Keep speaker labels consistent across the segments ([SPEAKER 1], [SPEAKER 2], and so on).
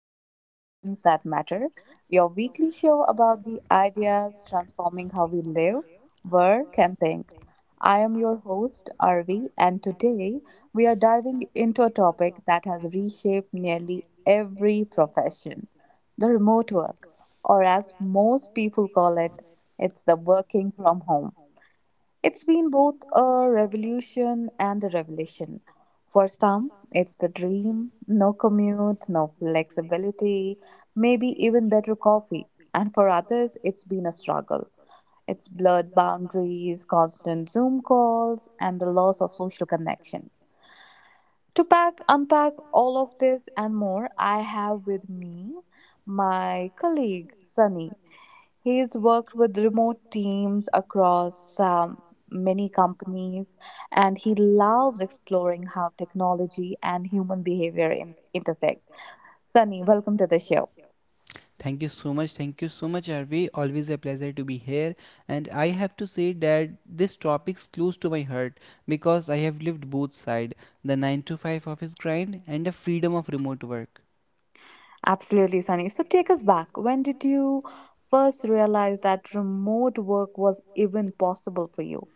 [SPEAKER 1] to Conversations That Matter, your weekly show about the ideas transforming how we live, work, and think. I am your host, Arvi, and today we are diving into a topic that has reshaped nearly every profession the remote work, or as most people call it, it's the working from home. It's been both a revolution and a revelation. For some, it's the dream no commute, no flexibility, maybe even better coffee. And for others, it's been a struggle. It's blurred boundaries, constant Zoom calls, and the loss of social connection. To pack, unpack all of this and more, I have with me my colleague Sunny. He's worked with remote teams across many companies, and he loves exploring how technology and human behavior intersect. Sunny, welcome to the show.
[SPEAKER 2] Thank you so much. Thank you so much, Arvi. Always a pleasure to be here. And I have to say that this topic's close to my heart because I have lived both sides, the 9 to 5 office grind and the freedom of remote work.
[SPEAKER 1] Absolutely, Sunny. So take us back. When did you first realize that remote work was even possible for you?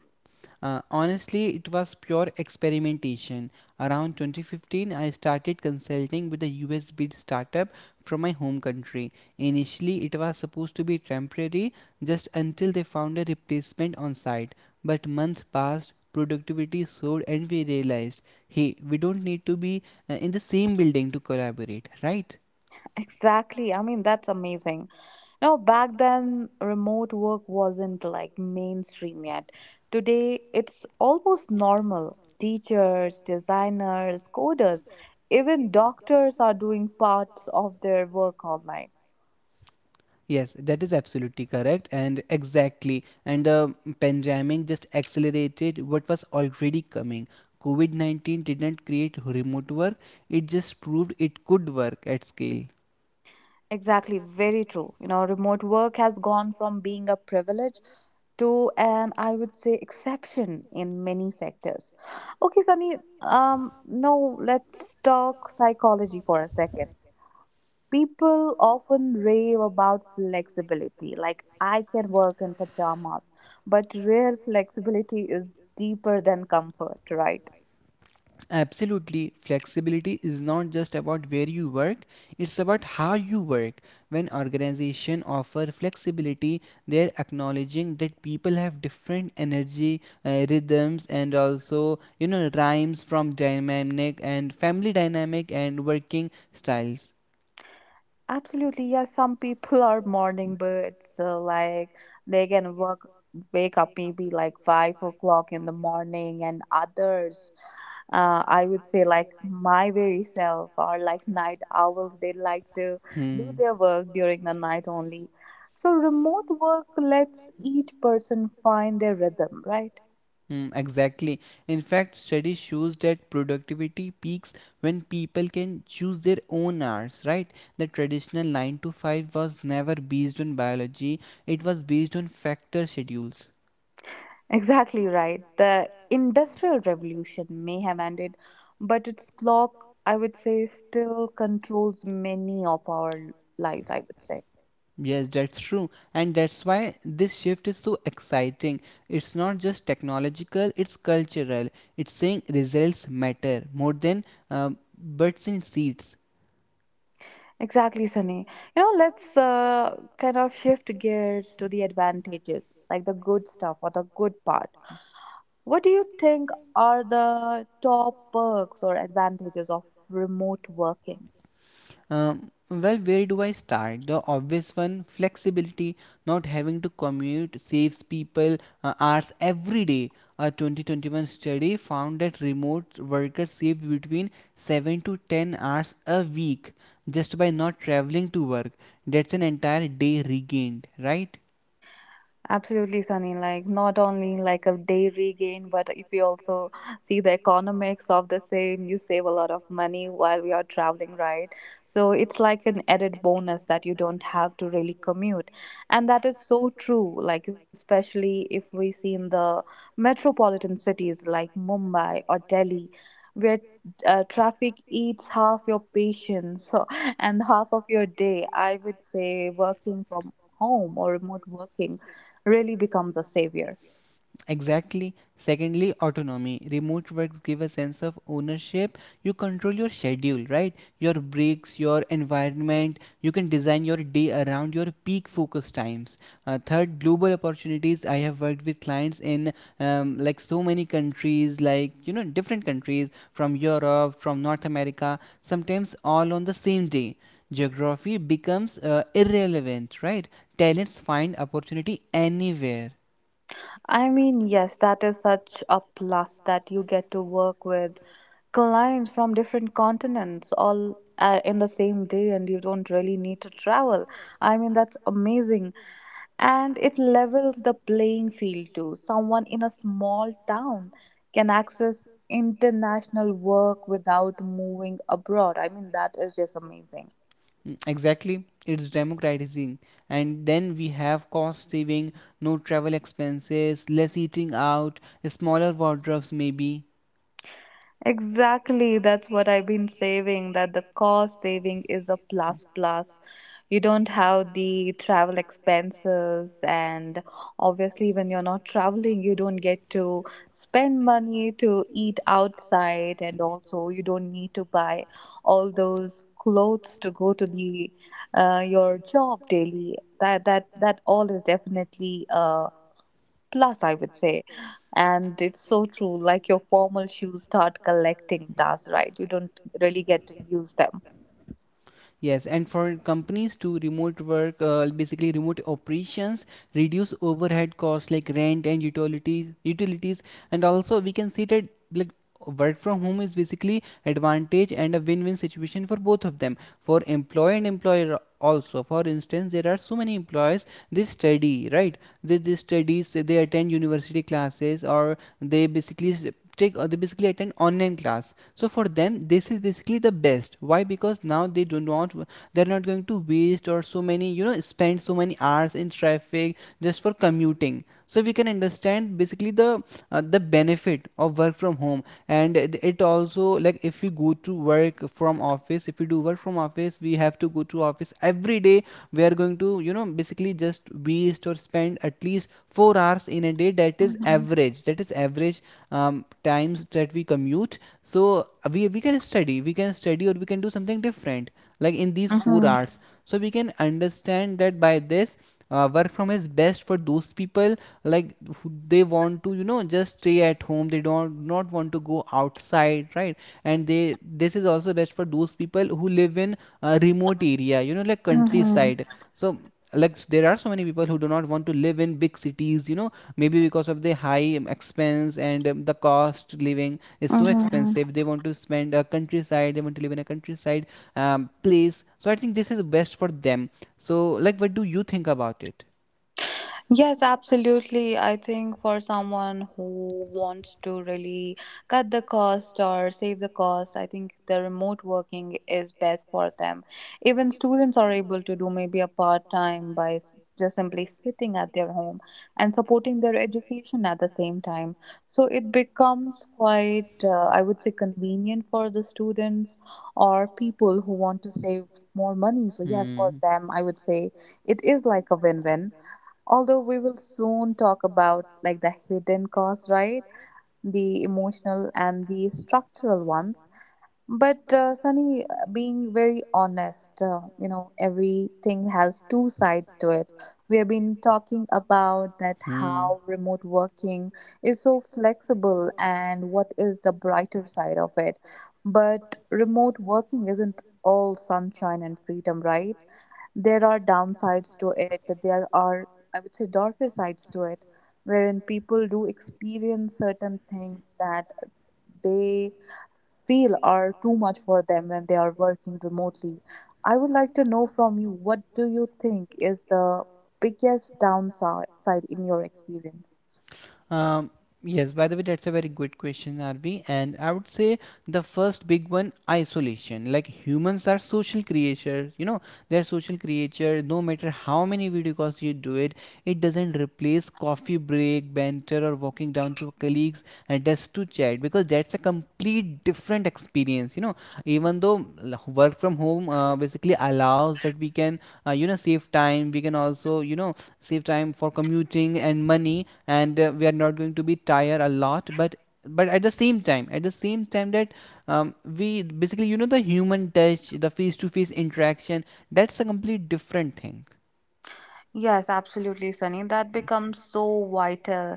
[SPEAKER 2] Honestly, it was pure experimentation. Around 2015, I started consulting with a US based startup from my home country. Initially, it was supposed to be temporary just until they found a replacement on site. But months passed, productivity soared, and we realized hey, we don't need to be in the same building to collaborate, right?
[SPEAKER 1] Exactly. I mean, that's amazing. Now, back then, remote work wasn't like mainstream yet. Today, it's almost normal. Teachers, designers, coders, even doctors are doing parts of their work online.
[SPEAKER 2] Yes, that is absolutely correct and exactly. And the pandemic just accelerated what was already coming. COVID 19 didn't create remote work, it just proved it could work at scale.
[SPEAKER 1] Exactly, very true. You know, remote work has gone from being a privilege to an, I would say, exception in many sectors. Okay, Sunny, now let's talk psychology for a second. People often rave about flexibility, like I can work in pajamas, but real flexibility is deeper than comfort, right?
[SPEAKER 2] Absolutely. Flexibility is not just about where you work, it's about how you work. When organizations offer flexibility, they're acknowledging that people have different energy, rhythms, and also, you know, rhymes from dynamic and family dynamic and working styles.
[SPEAKER 1] Absolutely, yeah. Some people are morning birds, so like they can work wake up maybe like 5 o'clock in the morning, and others, I would say like my very self are like night owls. They like to do
[SPEAKER 2] Hmm.
[SPEAKER 1] their work during the night only. So remote work lets each person find their rhythm, right?
[SPEAKER 2] Mm, exactly. In fact, studies shows that productivity peaks when people can choose their own hours, right? The traditional 9 to 5 was never based on biology, it was based on factor schedules.
[SPEAKER 1] Exactly right. The Industrial Revolution may have ended, but its clock, I would say, still controls many of our lives, I would say.
[SPEAKER 2] Yes, that's true. And that's why this shift is so exciting. It's not just technological, it's cultural. It's saying results matter more than um, butts in seats.
[SPEAKER 1] Exactly, Sunny. You know, let's kind of shift gears to the advantages, like the good stuff or the good part. What do you think are the top perks or advantages of remote working?
[SPEAKER 2] Well, where do I start? The obvious one, flexibility, not having to commute saves people hours every day. A 2021 study found that remote workers saved between 7 to 10 hours a week just by not traveling to work. That's an entire day regained, right?
[SPEAKER 1] Absolutely, Sunny. Like not only like a day regain, but if you also see the economics of the same, you save a lot of money while we are traveling, right? So it's like an added bonus that you don't have to really commute. And that is so true, like especially if we see in the metropolitan cities like Mumbai or Delhi, where traffic eats half your patience so and half of your day. I would say working from home or remote working really becomes a savior.
[SPEAKER 2] Exactly. Secondly, autonomy. Remote works give a sense of ownership. You control your schedule, right? Your breaks, your environment. You can design your day around your peak focus times. Third, global opportunities. I have worked with clients in like so many countries, like you know, different countries from Europe, from North America, sometimes all on the same day. Geography becomes irrelevant, right? Talents find opportunity anywhere.
[SPEAKER 1] I mean, yes, that is such a plus that you get to work with clients from different continents all in the same day and you don't really need to travel. I mean, that's amazing. And it levels the playing field too. Someone in a small town can access international work without moving abroad. I mean, that is just amazing.
[SPEAKER 2] Mm, exactly, it's democratizing. And then we have cost saving, no travel expenses, less eating out, smaller wardrobes maybe.
[SPEAKER 1] Exactly, that's what I've been saving. That the cost saving is a plus plus. You don't have the travel expenses, and obviously, when you're not traveling, you don't get to spend money to eat outside, and also you don't need to buy all those clothes to go to the your job daily. That all is definitely plus, I would say. And it's so true. Like your formal shoes start collecting dust, right? You don't really get to use them.
[SPEAKER 2] Yes, and for companies to remote work, basically remote operations, reduce overhead costs like rent and utilities, utilities, and also we can see that like work from home is basically advantage and a win-win situation for both of them, for employee and employer. Also, for instance, there are so many employees, they study, right? They study, say they attend university classes, or they basically take, they basically attend online class. So for them, this is basically the best. Why? Because now they do not, they're not going to waste or so many, you know, spend so many hours in traffic just for commuting. So we can understand basically the benefit of work from home. And it also, like, if you, if you go to work from office, if you do work from office, we have to go to office every day. We are going to, you know, basically just waste or spend at least 4 hours in a day. That is
[SPEAKER 1] Mm-hmm.
[SPEAKER 2] average, that is average times that we commute. So we can study, we can study or we can do something different like in these four
[SPEAKER 1] Mm-hmm.
[SPEAKER 2] hours So we can understand that by this work from home is best for those people, like who, they want to, you know, just stay at home, they don't, not want to go outside, right? And they, this is also best for those people who live in a remote area, you know, like countryside. So like there are so many people who do not want to live in big cities, you know, maybe because of the high expense and the cost living is so
[SPEAKER 1] Mm-hmm.
[SPEAKER 2] expensive. They want to spend a countryside, they want to live in a countryside place. So I think this is best for them. So, like, what do you think about it?
[SPEAKER 1] Yes, absolutely. I think for someone who wants to really cut the cost or save the cost, I think the remote working is best for them. Even students are able to do maybe a part time by just simply sitting at their home and supporting their education at the same time. So it becomes quite, I would say, convenient for the students or people who want to save more
[SPEAKER 2] More
[SPEAKER 1] money. So,
[SPEAKER 2] money,
[SPEAKER 1] yes, for
[SPEAKER 2] hmm, for
[SPEAKER 1] them, I
[SPEAKER 2] them,
[SPEAKER 1] would
[SPEAKER 2] I would
[SPEAKER 1] say
[SPEAKER 2] say.
[SPEAKER 1] it is like a win win, although we will soon talk about like the hidden costs, right, the emotional and the structural ones. But Sunny, being very honest, you know, everything has two sides to it. We have
[SPEAKER 2] We have
[SPEAKER 1] been
[SPEAKER 2] been
[SPEAKER 1] talking
[SPEAKER 2] talking
[SPEAKER 1] about
[SPEAKER 2] about,
[SPEAKER 1] that
[SPEAKER 2] hmm,
[SPEAKER 1] how
[SPEAKER 2] how
[SPEAKER 1] remote working is so flexible and what is the brighter side of it. But remote working isn't all sunshine and freedom, right? There are downsides to it. There are, I would say, darker sides to it, wherein people do experience certain things that they feel are too much for them when they are working remotely. I would like to know from you, what do you think is the biggest downside in your experience?
[SPEAKER 2] Um, yes, by the way, that's a very good question, RB. And I would say the first big one, isolation. Like humans are social creatures, you know, they're social creatures. No matter how many video calls you do it, it doesn't replace coffee break, banter, or walking down to colleagues and just to chat, because that's a complete different experience, you know. Even though work from home basically allows that we can, you know, save time, we can also, you know, save time for commuting and money, and we are not going to be tired a lot, but but at the same time that we basically, you know, the human touch, the face to face interaction, that's a complete different thing.
[SPEAKER 1] Yes, absolutely, Sunny. That becomes so vital.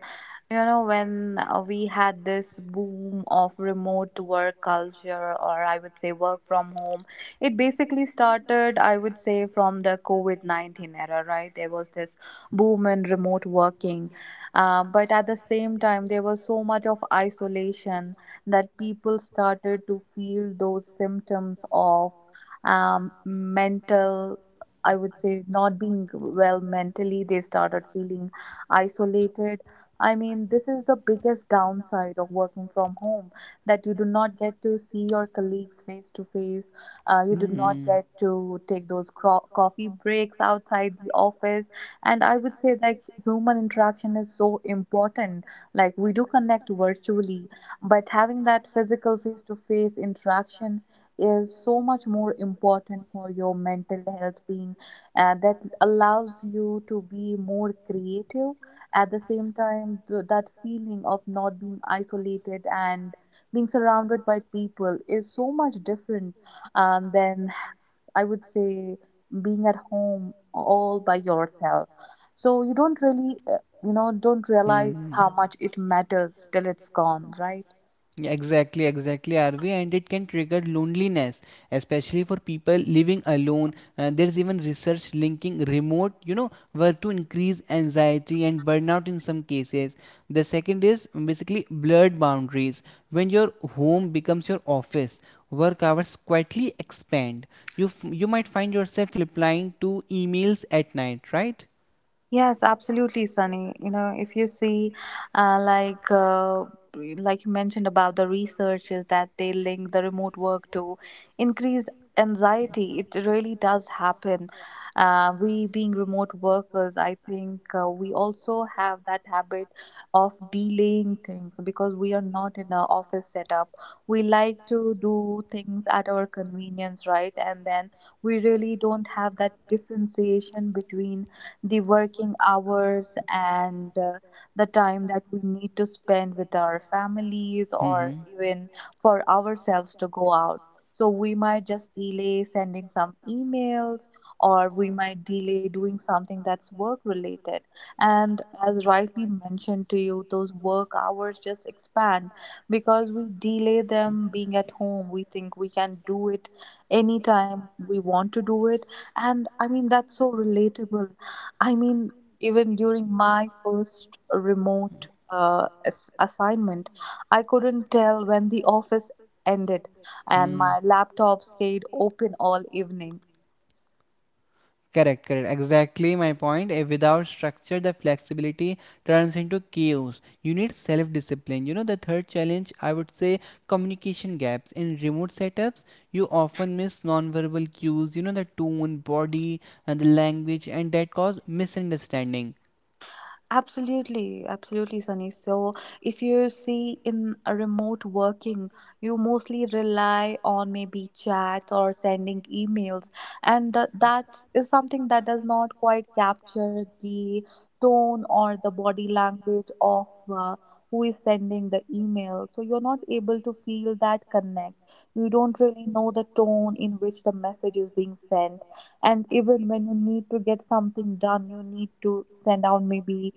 [SPEAKER 1] You know, when we had this boom of remote work culture, or I would say work from home, it basically started, I would say, from the COVID 19 era, right? There was this boom in remote working. But at the same time, there was so much of isolation that people started to feel those symptoms of mental, I would say, not being well mentally. They started feeling isolated. I mean, this is the biggest downside of working from home, that you do not get to see your colleagues face to face. You do not
[SPEAKER 2] Hmm.
[SPEAKER 1] get to take those coffee breaks outside the office. And I would say, like, human interaction is so important. Like, we do connect virtually, but having that physical face to face interaction is so much more important for your mental health being, that allows you to be more creative at the same time, that feeling of not being isolated and being surrounded by people is so much different than, I would say, being at home all by yourself. So you don't really, you know, don't
[SPEAKER 2] Hmm.
[SPEAKER 1] realize
[SPEAKER 2] Hmm.
[SPEAKER 1] how much it matters till it's gone, right?
[SPEAKER 2] Yeah, exactly, exactly, Arvi, and it can trigger loneliness, especially for people living alone. There's even research linking remote, you know, work to increase anxiety and burnout in some cases. The second is basically blurred boundaries. When your home becomes your office, work hours quietly expand. You you might find yourself replying to emails at night, right?
[SPEAKER 1] Yes, absolutely, Sunny. You know, if you see, uh, like, uh, like you mentioned about the researchers that they link the remote work to increased anxiety, it really does happen. We being remote workers, I think we also have that habit of delaying things because we are not in an office setup. We like to do things at our convenience, right? And then we really don't have that differentiation between the working hours and the time that we need to spend with our families
[SPEAKER 2] Mm-hmm.
[SPEAKER 1] or even for ourselves to go out. So we might just delay sending some emails or we might delay doing something that's work related. And as rightly mentioned to you, those work hours just expand because we delay them being at home. We think we can do it anytime we want to do it. And I mean, that's so relatable. I mean, even during my first remote assignment, I couldn't tell when the office ended, and
[SPEAKER 2] Hmm.
[SPEAKER 1] my laptop stayed open all evening.
[SPEAKER 2] Correct, correct. Exactly my point. Without structure, the flexibility turns into chaos. You need self discipline. You know, the third challenge, I would say, communication gaps. In remote setups, you often miss nonverbal cues, you know, the tone, body, and the language, and that cause misunderstanding.
[SPEAKER 1] Absolutely, absolutely, Sunny. So, if you see in a remote working, you mostly rely on maybe chats or sending emails, and that is something that does not quite capture the tone or the body language of who is sending the email. So, you're not able to feel that connect. You don't really know the tone in which the message is being sent, and even when you need to get something done, you need to send out maybe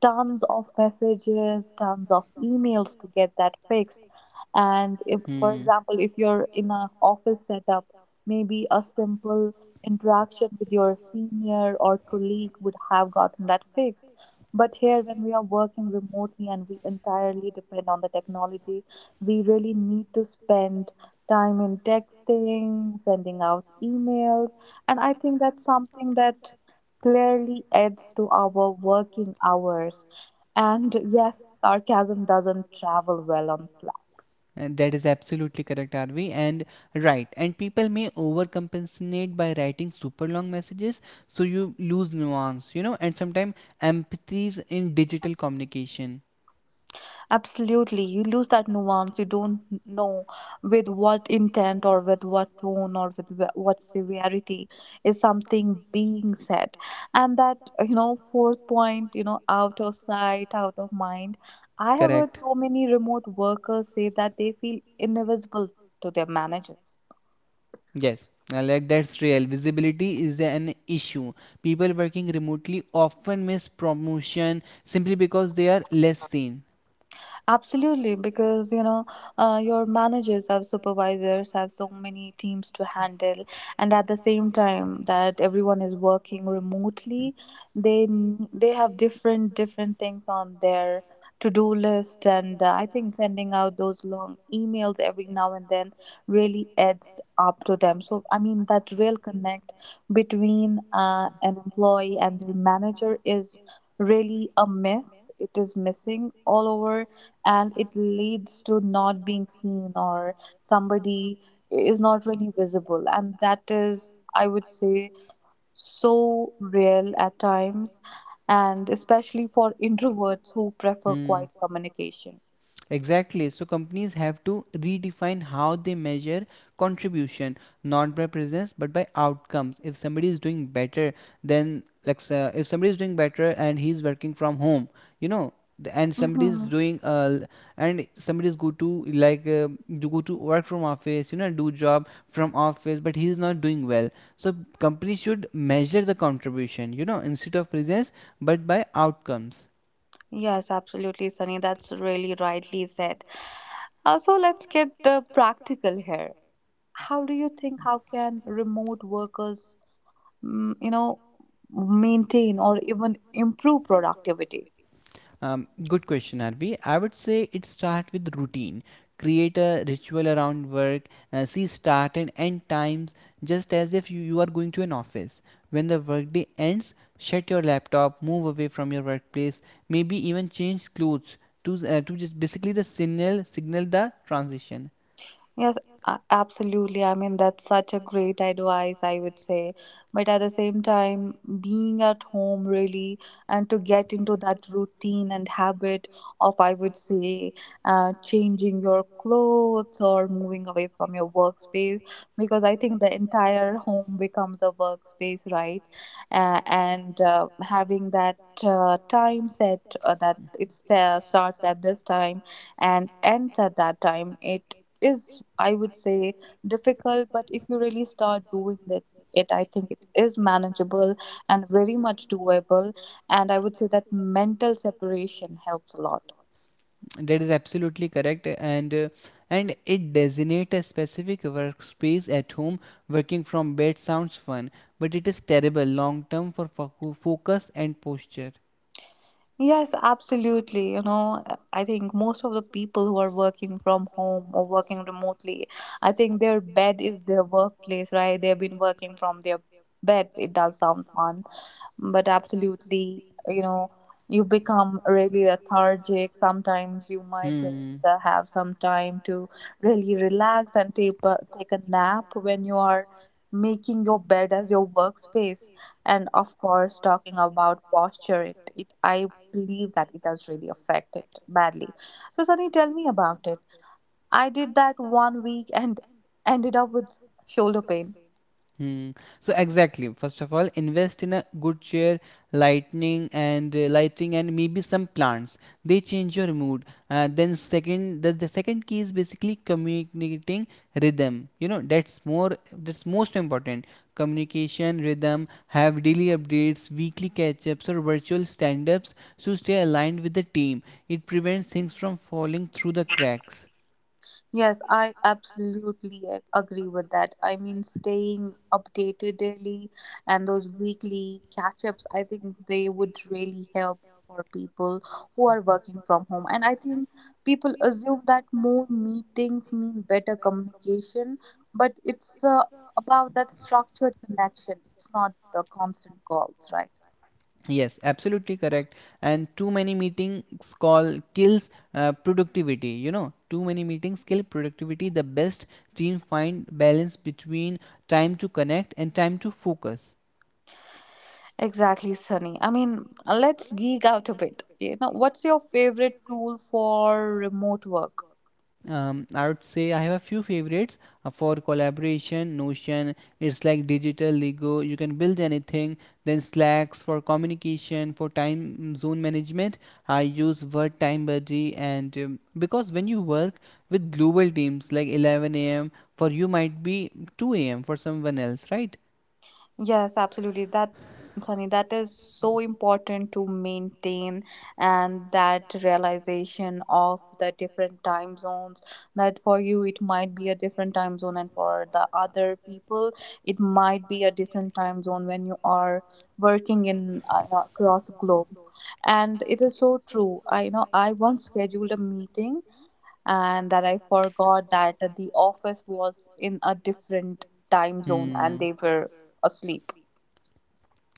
[SPEAKER 1] tons of messages, tons of emails to get that fixed. And if, for
[SPEAKER 2] Hmm.
[SPEAKER 1] example, if you're in a office setup, maybe a simple interaction with your senior or colleague would have gotten that fixed. But here, when we are working remotely and we entirely depend on the technology, we really need to spend time in texting, sending out emails. And I think that's something that clearly adds to our working hours. And yes, sarcasm doesn't travel well on Slack.
[SPEAKER 2] That is absolutely correct, Arvi. And right, and people may overcompensate by writing super long messages, so you lose nuance, you know, and sometimes empathies in digital communication.
[SPEAKER 1] Absolutely, you lose that nuance. You don't know with what intent or with what tone or with what severity is something being said. And that, you know, fourth point, you know, out of sight, out of mind. I have heard
[SPEAKER 2] Correct.
[SPEAKER 1] so many remote workers say that they feel invisible to their managers.
[SPEAKER 2] Yes, like that's real. Visibility is an issue. People working remotely often miss promotion simply because they are less seen.
[SPEAKER 1] Absolutely, because you know, your managers have supervisors, have so many teams to handle, and at the same time that everyone is working remotely, they they have different things on their to do list, and I think sending out those long emails every now and then really adds up to them. So I mean, that real connect between an employee and their manager is really a miss. It is missing all over and it leads to not being seen or somebody is not really visible, and that is, I would say, so real at times, and especially for introverts who prefer
[SPEAKER 2] Hmm.
[SPEAKER 1] quiet communication.
[SPEAKER 2] Exactly. So companies have to redefine how they measure contribution, not by presence but by outcomes. If somebody is doing better, then like, if somebody is doing better and he's working from home, you know, and somebody is
[SPEAKER 1] Hmm.
[SPEAKER 2] doing and somebody is go to like, do go to work from office, you know, do job from office, but he is not doing well. So company should measure the contribution, you know, instead of presence, but by outcomes.
[SPEAKER 1] Yes, absolutely, Sunny, that's really rightly said. Also, let's get practical here. How do you think, how can remote workers, mm, you know maintain or even improve productivity?
[SPEAKER 2] Good question, Arbi. I would say it starts with routine. Create a ritual around work, see start and end times, just as if you are going to an office. When the workday ends, shut your laptop, move away from your workplace, maybe even change clothes to just basically the signal signal the transition.
[SPEAKER 1] Yes, absolutely. I mean, that's such a great advice, I would say. But at the same time, being at home really and to get into that routine and habit of, I would say, changing your clothes or moving away from your workspace, because I think the entire home becomes a workspace, right? And having that time set, that it starts at this time and ends at that time, it is, I would say, difficult. But if you really start doing that, it I think it is manageable and very much doable, and I would say that mental separation helps a lot.
[SPEAKER 2] That is absolutely correct, and it designates a specific workspace at home. Working from bed sounds fun, but it is terrible long term for focus and posture.
[SPEAKER 1] Yes, absolutely. I think most of the people who are working from home or working remotely, I think their bed is their workplace, right? They've been working from their beds. It does sound fun, but absolutely, you become really lethargic. Sometimes you might just
[SPEAKER 2] Hmm.
[SPEAKER 1] have some time to really relax and take a, take a nap when you are making your bed as your workspace. And of course, talking about posture, it, I believe that it does really affect it badly. So Sunny, tell me about it. I did that 1 week and ended up with shoulder pain.
[SPEAKER 2] Hmm. So exactly. First of all, invest in a good chair, lighting, and maybe some plants. They change your mood. Then second, the second key is basically communicating rhythm. You know, that's most important. Communication rhythm. Have daily updates, weekly catch-ups, or virtual stand-ups to stay aligned with the team. It prevents things from falling through the cracks.
[SPEAKER 1] Yes, I absolutely agree with that. I mean, staying updated daily and those weekly catch ups, I think they would really help for people who are working from home. And I think people assume that more meetings mean better communication, but it's about that structured connection. It's not the constant calls, right?
[SPEAKER 2] Yes, absolutely correct. And too many meetings call kills productivity. You know, too many meetings kill productivity. The best team find balance between time to connect and time to focus.
[SPEAKER 1] Exactly, Sunny. I mean, let's geek out a bit. What's your favorite tool for remote work?
[SPEAKER 2] I would say I have a few favorites for collaboration. Notion, it's like digital Lego. You can build anything. Then Slacks for communication, for time zone management. I use Word Time Buddy, and because when you work with global teams, like 11 a.m. for you might be 2 a.m. for someone else, right?
[SPEAKER 1] Yes, absolutely. That, Sunny, that is so important to maintain, and that realization of the different time zones. That for you, it might be a different time zone, and for the other people, it might be a different time zone when you are working in, across globe. And it is so true. I you know I once scheduled a meeting and that I forgot that the office was in a different time zone and
[SPEAKER 2] Hmm.
[SPEAKER 1] they were asleep.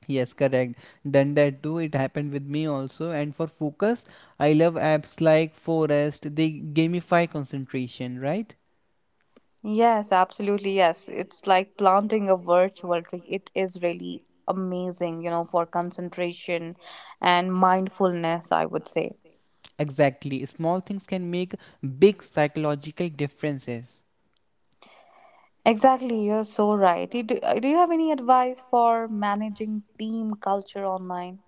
[SPEAKER 2] Yes, correct. Done that too. It happened with me also. And for focus, I love apps like Forest. They gamify concentration, right?
[SPEAKER 1] Yes, absolutely. Yes. It's like planting a virtual tree. It is really amazing, you know, for concentration and mindfulness, I would say.
[SPEAKER 2] Exactly. Small things can make big psychological differences.
[SPEAKER 1] Exactly. You're so right. Do you have any advice for managing team culture online?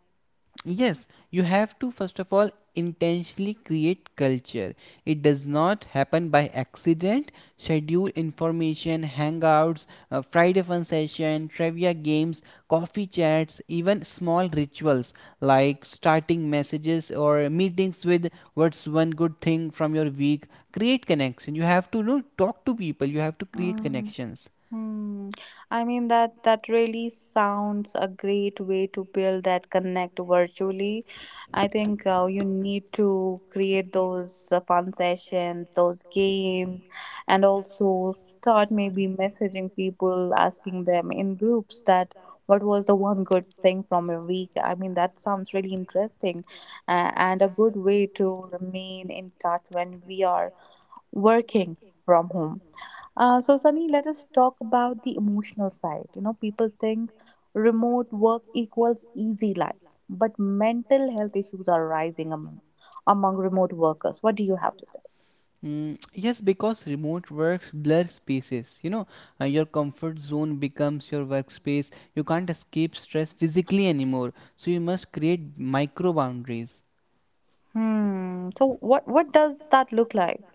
[SPEAKER 2] Yes, you have to first of all intentionally create culture. It does not happen by accident. Schedule information, hangouts, Friday fun session, trivia games, coffee chats, even small rituals like starting messages or meetings with what's one good thing from your week. Create connection. You have to, you know, talk to people. You have to create
[SPEAKER 1] Mm.
[SPEAKER 2] connections.
[SPEAKER 1] Hmm. I mean, that really sounds a great way to build that connect virtually. I think you need to create those fun sessions, those games, and also start maybe messaging people, asking them in groups that what was the one good thing from your week. I mean, that sounds really interesting, and a good way to remain in touch when we are working from home. So, Sunny, let us talk about the emotional side. You know, people think remote work equals easy life, but mental health issues are rising among, among remote workers. What do you have to say?
[SPEAKER 2] Mm, yes, because remote works blur spaces. You know, your comfort zone becomes your workspace. You can't escape stress physically anymore. So you must create micro boundaries.
[SPEAKER 1] Hmm. So, what does that look like?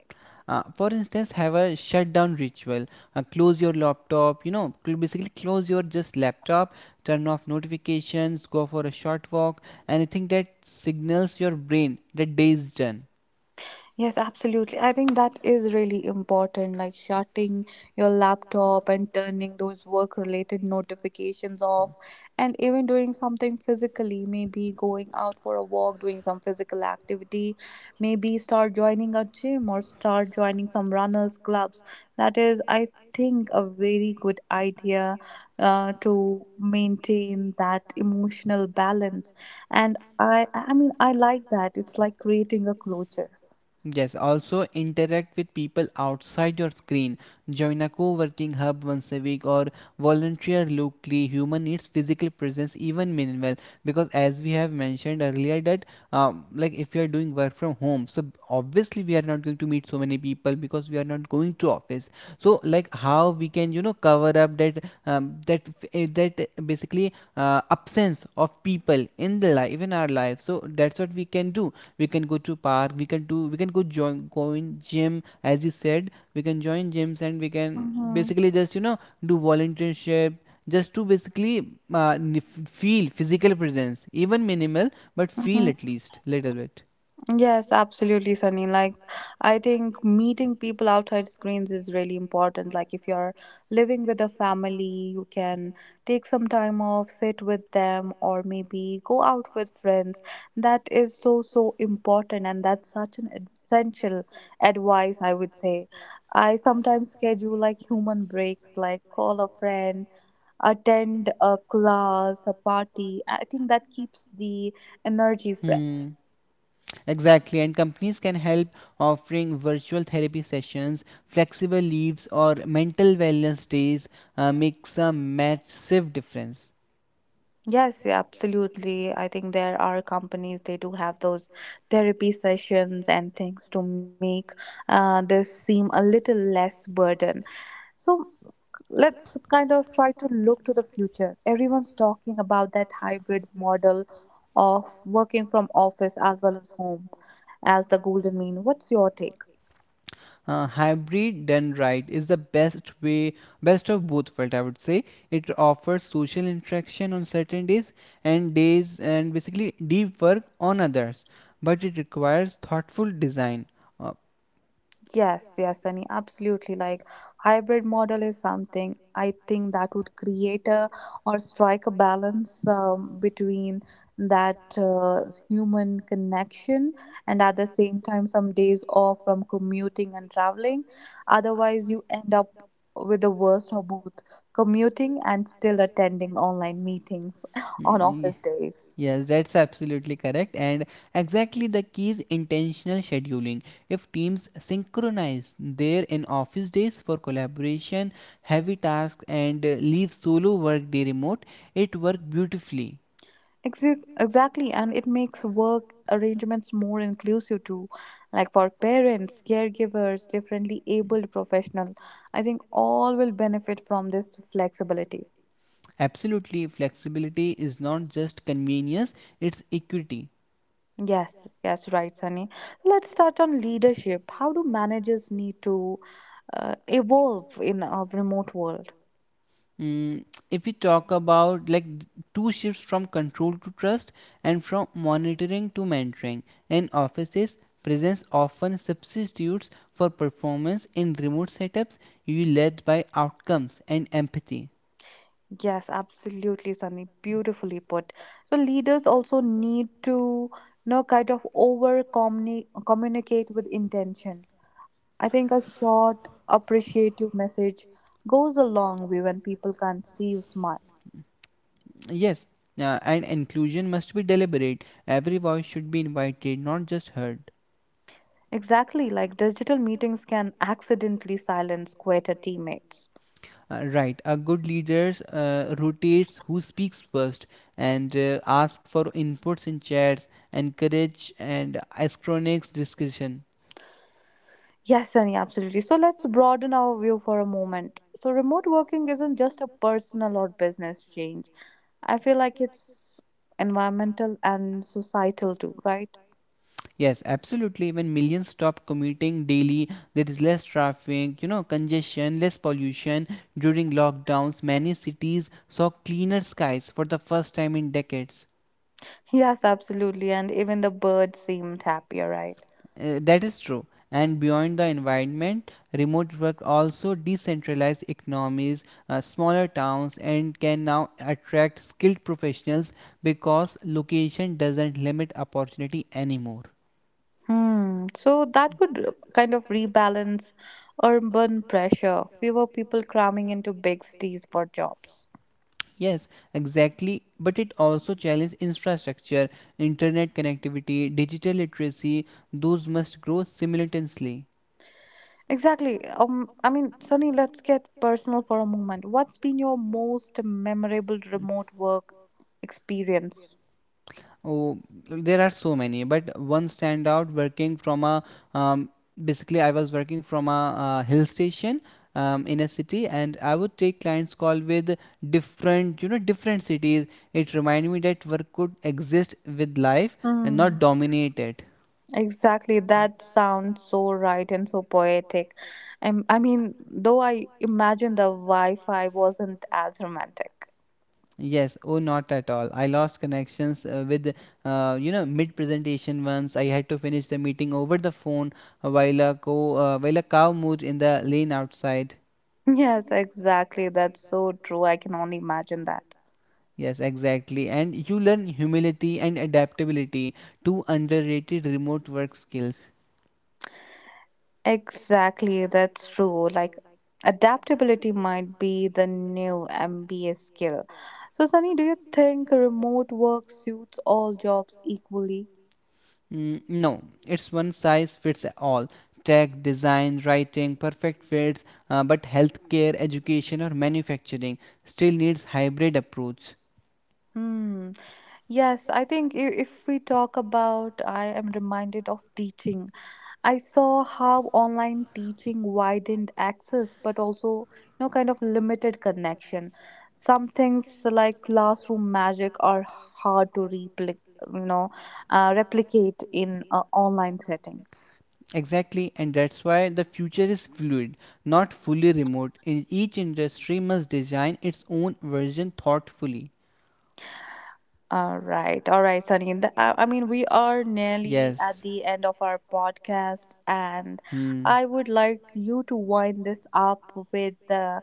[SPEAKER 2] For instance, have a shutdown ritual. Close your laptop. You know, basically close your just laptop. Turn off notifications. Go for a short walk. Anything that signals your brain that day is done.
[SPEAKER 1] Yes, absolutely. I think that is really important, like shutting your laptop and turning those work related notifications off, and even doing something physically, maybe going out for a walk, doing some physical activity, maybe start joining a gym or start joining some runners' clubs. That is, I think, a very good idea to maintain that emotional balance. And I mean, I like that. It's like creating a closure.
[SPEAKER 2] Yes, also interact with people outside your screen. Join a co working hub once a week or volunteer locally. Human needs physical presence, even minimal. Because, as we have mentioned earlier, that like if you are doing work from home, so obviously we are not going to meet so many people because we are not going to office. So, like how we can cover up that that that basically absence of people in the life in our life. So that's what we can do, we can go to park, we can go join going gym. As you said, we can join gyms, and we can
[SPEAKER 1] Mhm,
[SPEAKER 2] basically just do volunteership, just to basically feel physical presence, even minimal, but feel
[SPEAKER 1] mhm.
[SPEAKER 2] at least little bit.
[SPEAKER 1] Yes, absolutely, Sunny. Like, I think meeting people outside screens is really important. Like, if you're living with a family, you can take some time off, sit with them, or maybe go out with friends. That is so, so important, and that's such an essential advice, I would say. I sometimes schedule like human breaks, like call a friend, attend a class, a party. I think that keeps the energy fresh.
[SPEAKER 2] Hmm, exactly. And companies can help offering virtual therapy sessions, flexible leaves, or mental wellness days. Makes a massive difference.
[SPEAKER 1] Yes, yeah, absolutely. I think there are companies, they do have those therapy sessions and things to make this seem a little less burden. So let's kind of try to look to the future. Everyone's talking about that hybrid model of working from office as well as home as the golden mean. What's your take?
[SPEAKER 2] Hybrid done right is the best way, best of both worlds, I would say. It offers social interaction on certain days and basically deep work on others, but it requires thoughtful design. Uh,
[SPEAKER 1] Yes, yes, Sunny, absolutely. Like, hybrid model is something I think that would create a, or strike a balance between that human connection, and at the same time some days off from commuting and traveling. Otherwise, you end up with the worst of both, commuting and still attending online meetings on
[SPEAKER 2] yeah.
[SPEAKER 1] office days.
[SPEAKER 2] Yes, that's absolutely correct. And exactly, the key is intentional scheduling. If teams synchronize their in office days for collaboration, heavy tasks, and leave solo work day remote, it works beautifully.
[SPEAKER 1] Exactly, and it makes work arrangements more inclusive too, like for parents, caregivers, differently abled professional. I think all will benefit from this flexibility.
[SPEAKER 2] Absolutely, flexibility is not just convenience, it's equity.
[SPEAKER 1] Yes, yes, right, Sunny. Let's start on leadership. How do managers need to evolve in a remote world?
[SPEAKER 2] Mm, if we talk about, like, two shifts: from control to trust, and from monitoring to mentoring. In offices, presence often substitutes for performance. In remote setups, you led by outcomes and empathy.
[SPEAKER 1] Yes, absolutely, Sunny. Beautifully put. So leaders also need to, you know, kind of over communicate with intention. I think a short, appreciative message goes a long way when people can't see you smile.
[SPEAKER 2] Yes, and inclusion must be deliberate. Every voice should be invited, not just heard.
[SPEAKER 1] Exactly, like digital meetings can accidentally silence quieter teammates.
[SPEAKER 2] Right. A good leader rotates who speaks first, and asks for inputs in chats, encourage and asynchronous discussion.
[SPEAKER 1] Yes, Sunny, absolutely. So let's broaden our view for a moment. So, remote working isn't just a personal or business change. I feel like it's environmental and societal too, right?
[SPEAKER 2] Yes, absolutely. When millions stop commuting daily, there is less traffic, congestion, less pollution. During lockdowns, many cities saw cleaner skies for the first time in decades.
[SPEAKER 1] Yes, absolutely. And even the birds seemed happier, right?
[SPEAKER 2] That is true. And beyond the environment, remote work also decentralized economies, smaller towns, and can now attract skilled professionals, because location doesn't limit opportunity anymore.
[SPEAKER 1] Hmm. So that could kind of rebalance urban pressure, fewer people cramming into big cities for jobs.
[SPEAKER 2] Yes, exactly. But it also challenges infrastructure, internet connectivity, digital literacy. Those must grow simultaneously.
[SPEAKER 1] Exactly. I mean, Sunny, let's get personal for a moment. What's been your most memorable remote work experience?
[SPEAKER 2] Oh, there are so many, but one stand out: working from a um, hill station in a city, and I would take clients call with different, different cities. It reminded me that work could exist with life and
[SPEAKER 1] Hmm.
[SPEAKER 2] not dominate it.
[SPEAKER 1] Exactly. That sounds so right and so poetic. I mean, though I imagine the Wi-Fi wasn't as romantic.
[SPEAKER 2] Yes, oh, not at all. I lost connections with, mid presentation once. I had to finish the meeting over the phone while a cow moved in the lane outside.
[SPEAKER 1] Yes, exactly. That's so true. I can only imagine that.
[SPEAKER 2] Yes, exactly. And you learn humility and adaptability, two underrated remote work skills.
[SPEAKER 1] Exactly, that's true. Like adaptability might be the new MBA skill. So, Sunny, do you think remote work suits all jobs equally?
[SPEAKER 2] Mm, no, it's one size fits all. Tech, design, writing, perfect fits, but healthcare, education, or manufacturing still needs hybrid approach.
[SPEAKER 1] Hmm. Yes, I think if we talk about, I am reminded of teaching. I saw how online teaching widened access, but also, kind of limited connection. Some things like classroom magic are hard to you know replicate in an online setting.
[SPEAKER 2] Exactly, and that's why the future is fluid, not fully remote. In each industry must design its own version thoughtfully.
[SPEAKER 1] All right, Sunny. I mean, we are nearly at
[SPEAKER 2] Yes.
[SPEAKER 1] the end of our podcast, and
[SPEAKER 2] Hmm.
[SPEAKER 1] I would like you to wind this up with the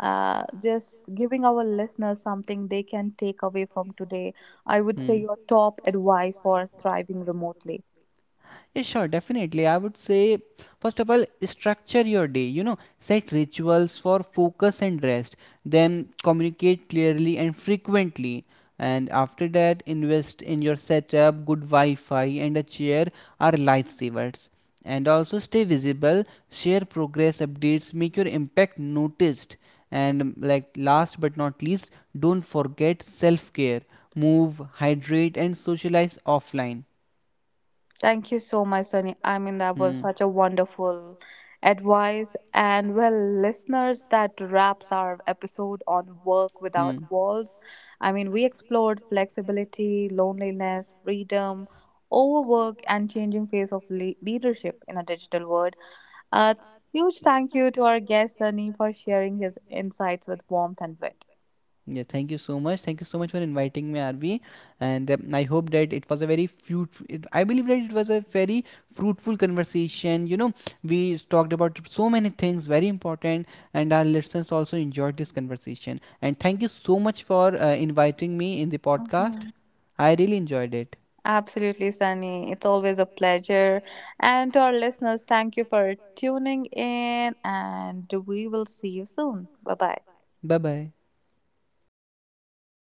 [SPEAKER 1] just giving our listeners something they can take away from today. I would say
[SPEAKER 2] Hmm.
[SPEAKER 1] your top advice for thriving remotely.
[SPEAKER 2] Yeah, sure, definitely. I would say, first of all, structure your day. You know, set rituals for focus and rest. Then communicate clearly and frequently. And after that, invest in your setup, good Wi Fi, and a chair are lifesavers. And also, stay visible, share progress updates, make your impact noticed. And like, last but not least, don't forget self care. Move, hydrate, and socialize offline.
[SPEAKER 1] Thank you so much, Sunny. I mean, that was
[SPEAKER 2] Hmm.
[SPEAKER 1] such a wonderful advice. And well, listeners, that wraps our episode on work without
[SPEAKER 2] Hmm.
[SPEAKER 1] walls. I mean, we explored flexibility, loneliness, freedom, overwork, and changing face of leadership in a digital world. A huge thank you to our guest, Sunny, for sharing his insights with warmth and wit.
[SPEAKER 2] Yeah, thank you so much. Thank you so much for inviting me, RV. And I hope that it was a very I believe that it was a very fruitful conversation. You know, we talked about so many things, very important, and our listeners also enjoyed this conversation. And thank you so much for inviting me in the podcast.
[SPEAKER 1] Mhm.
[SPEAKER 2] I really enjoyed it.
[SPEAKER 1] Absolutely, Sunny. It's always a pleasure. And to our listeners, thank you for tuning in, and we will see you soon. Bye bye.
[SPEAKER 2] Bye bye.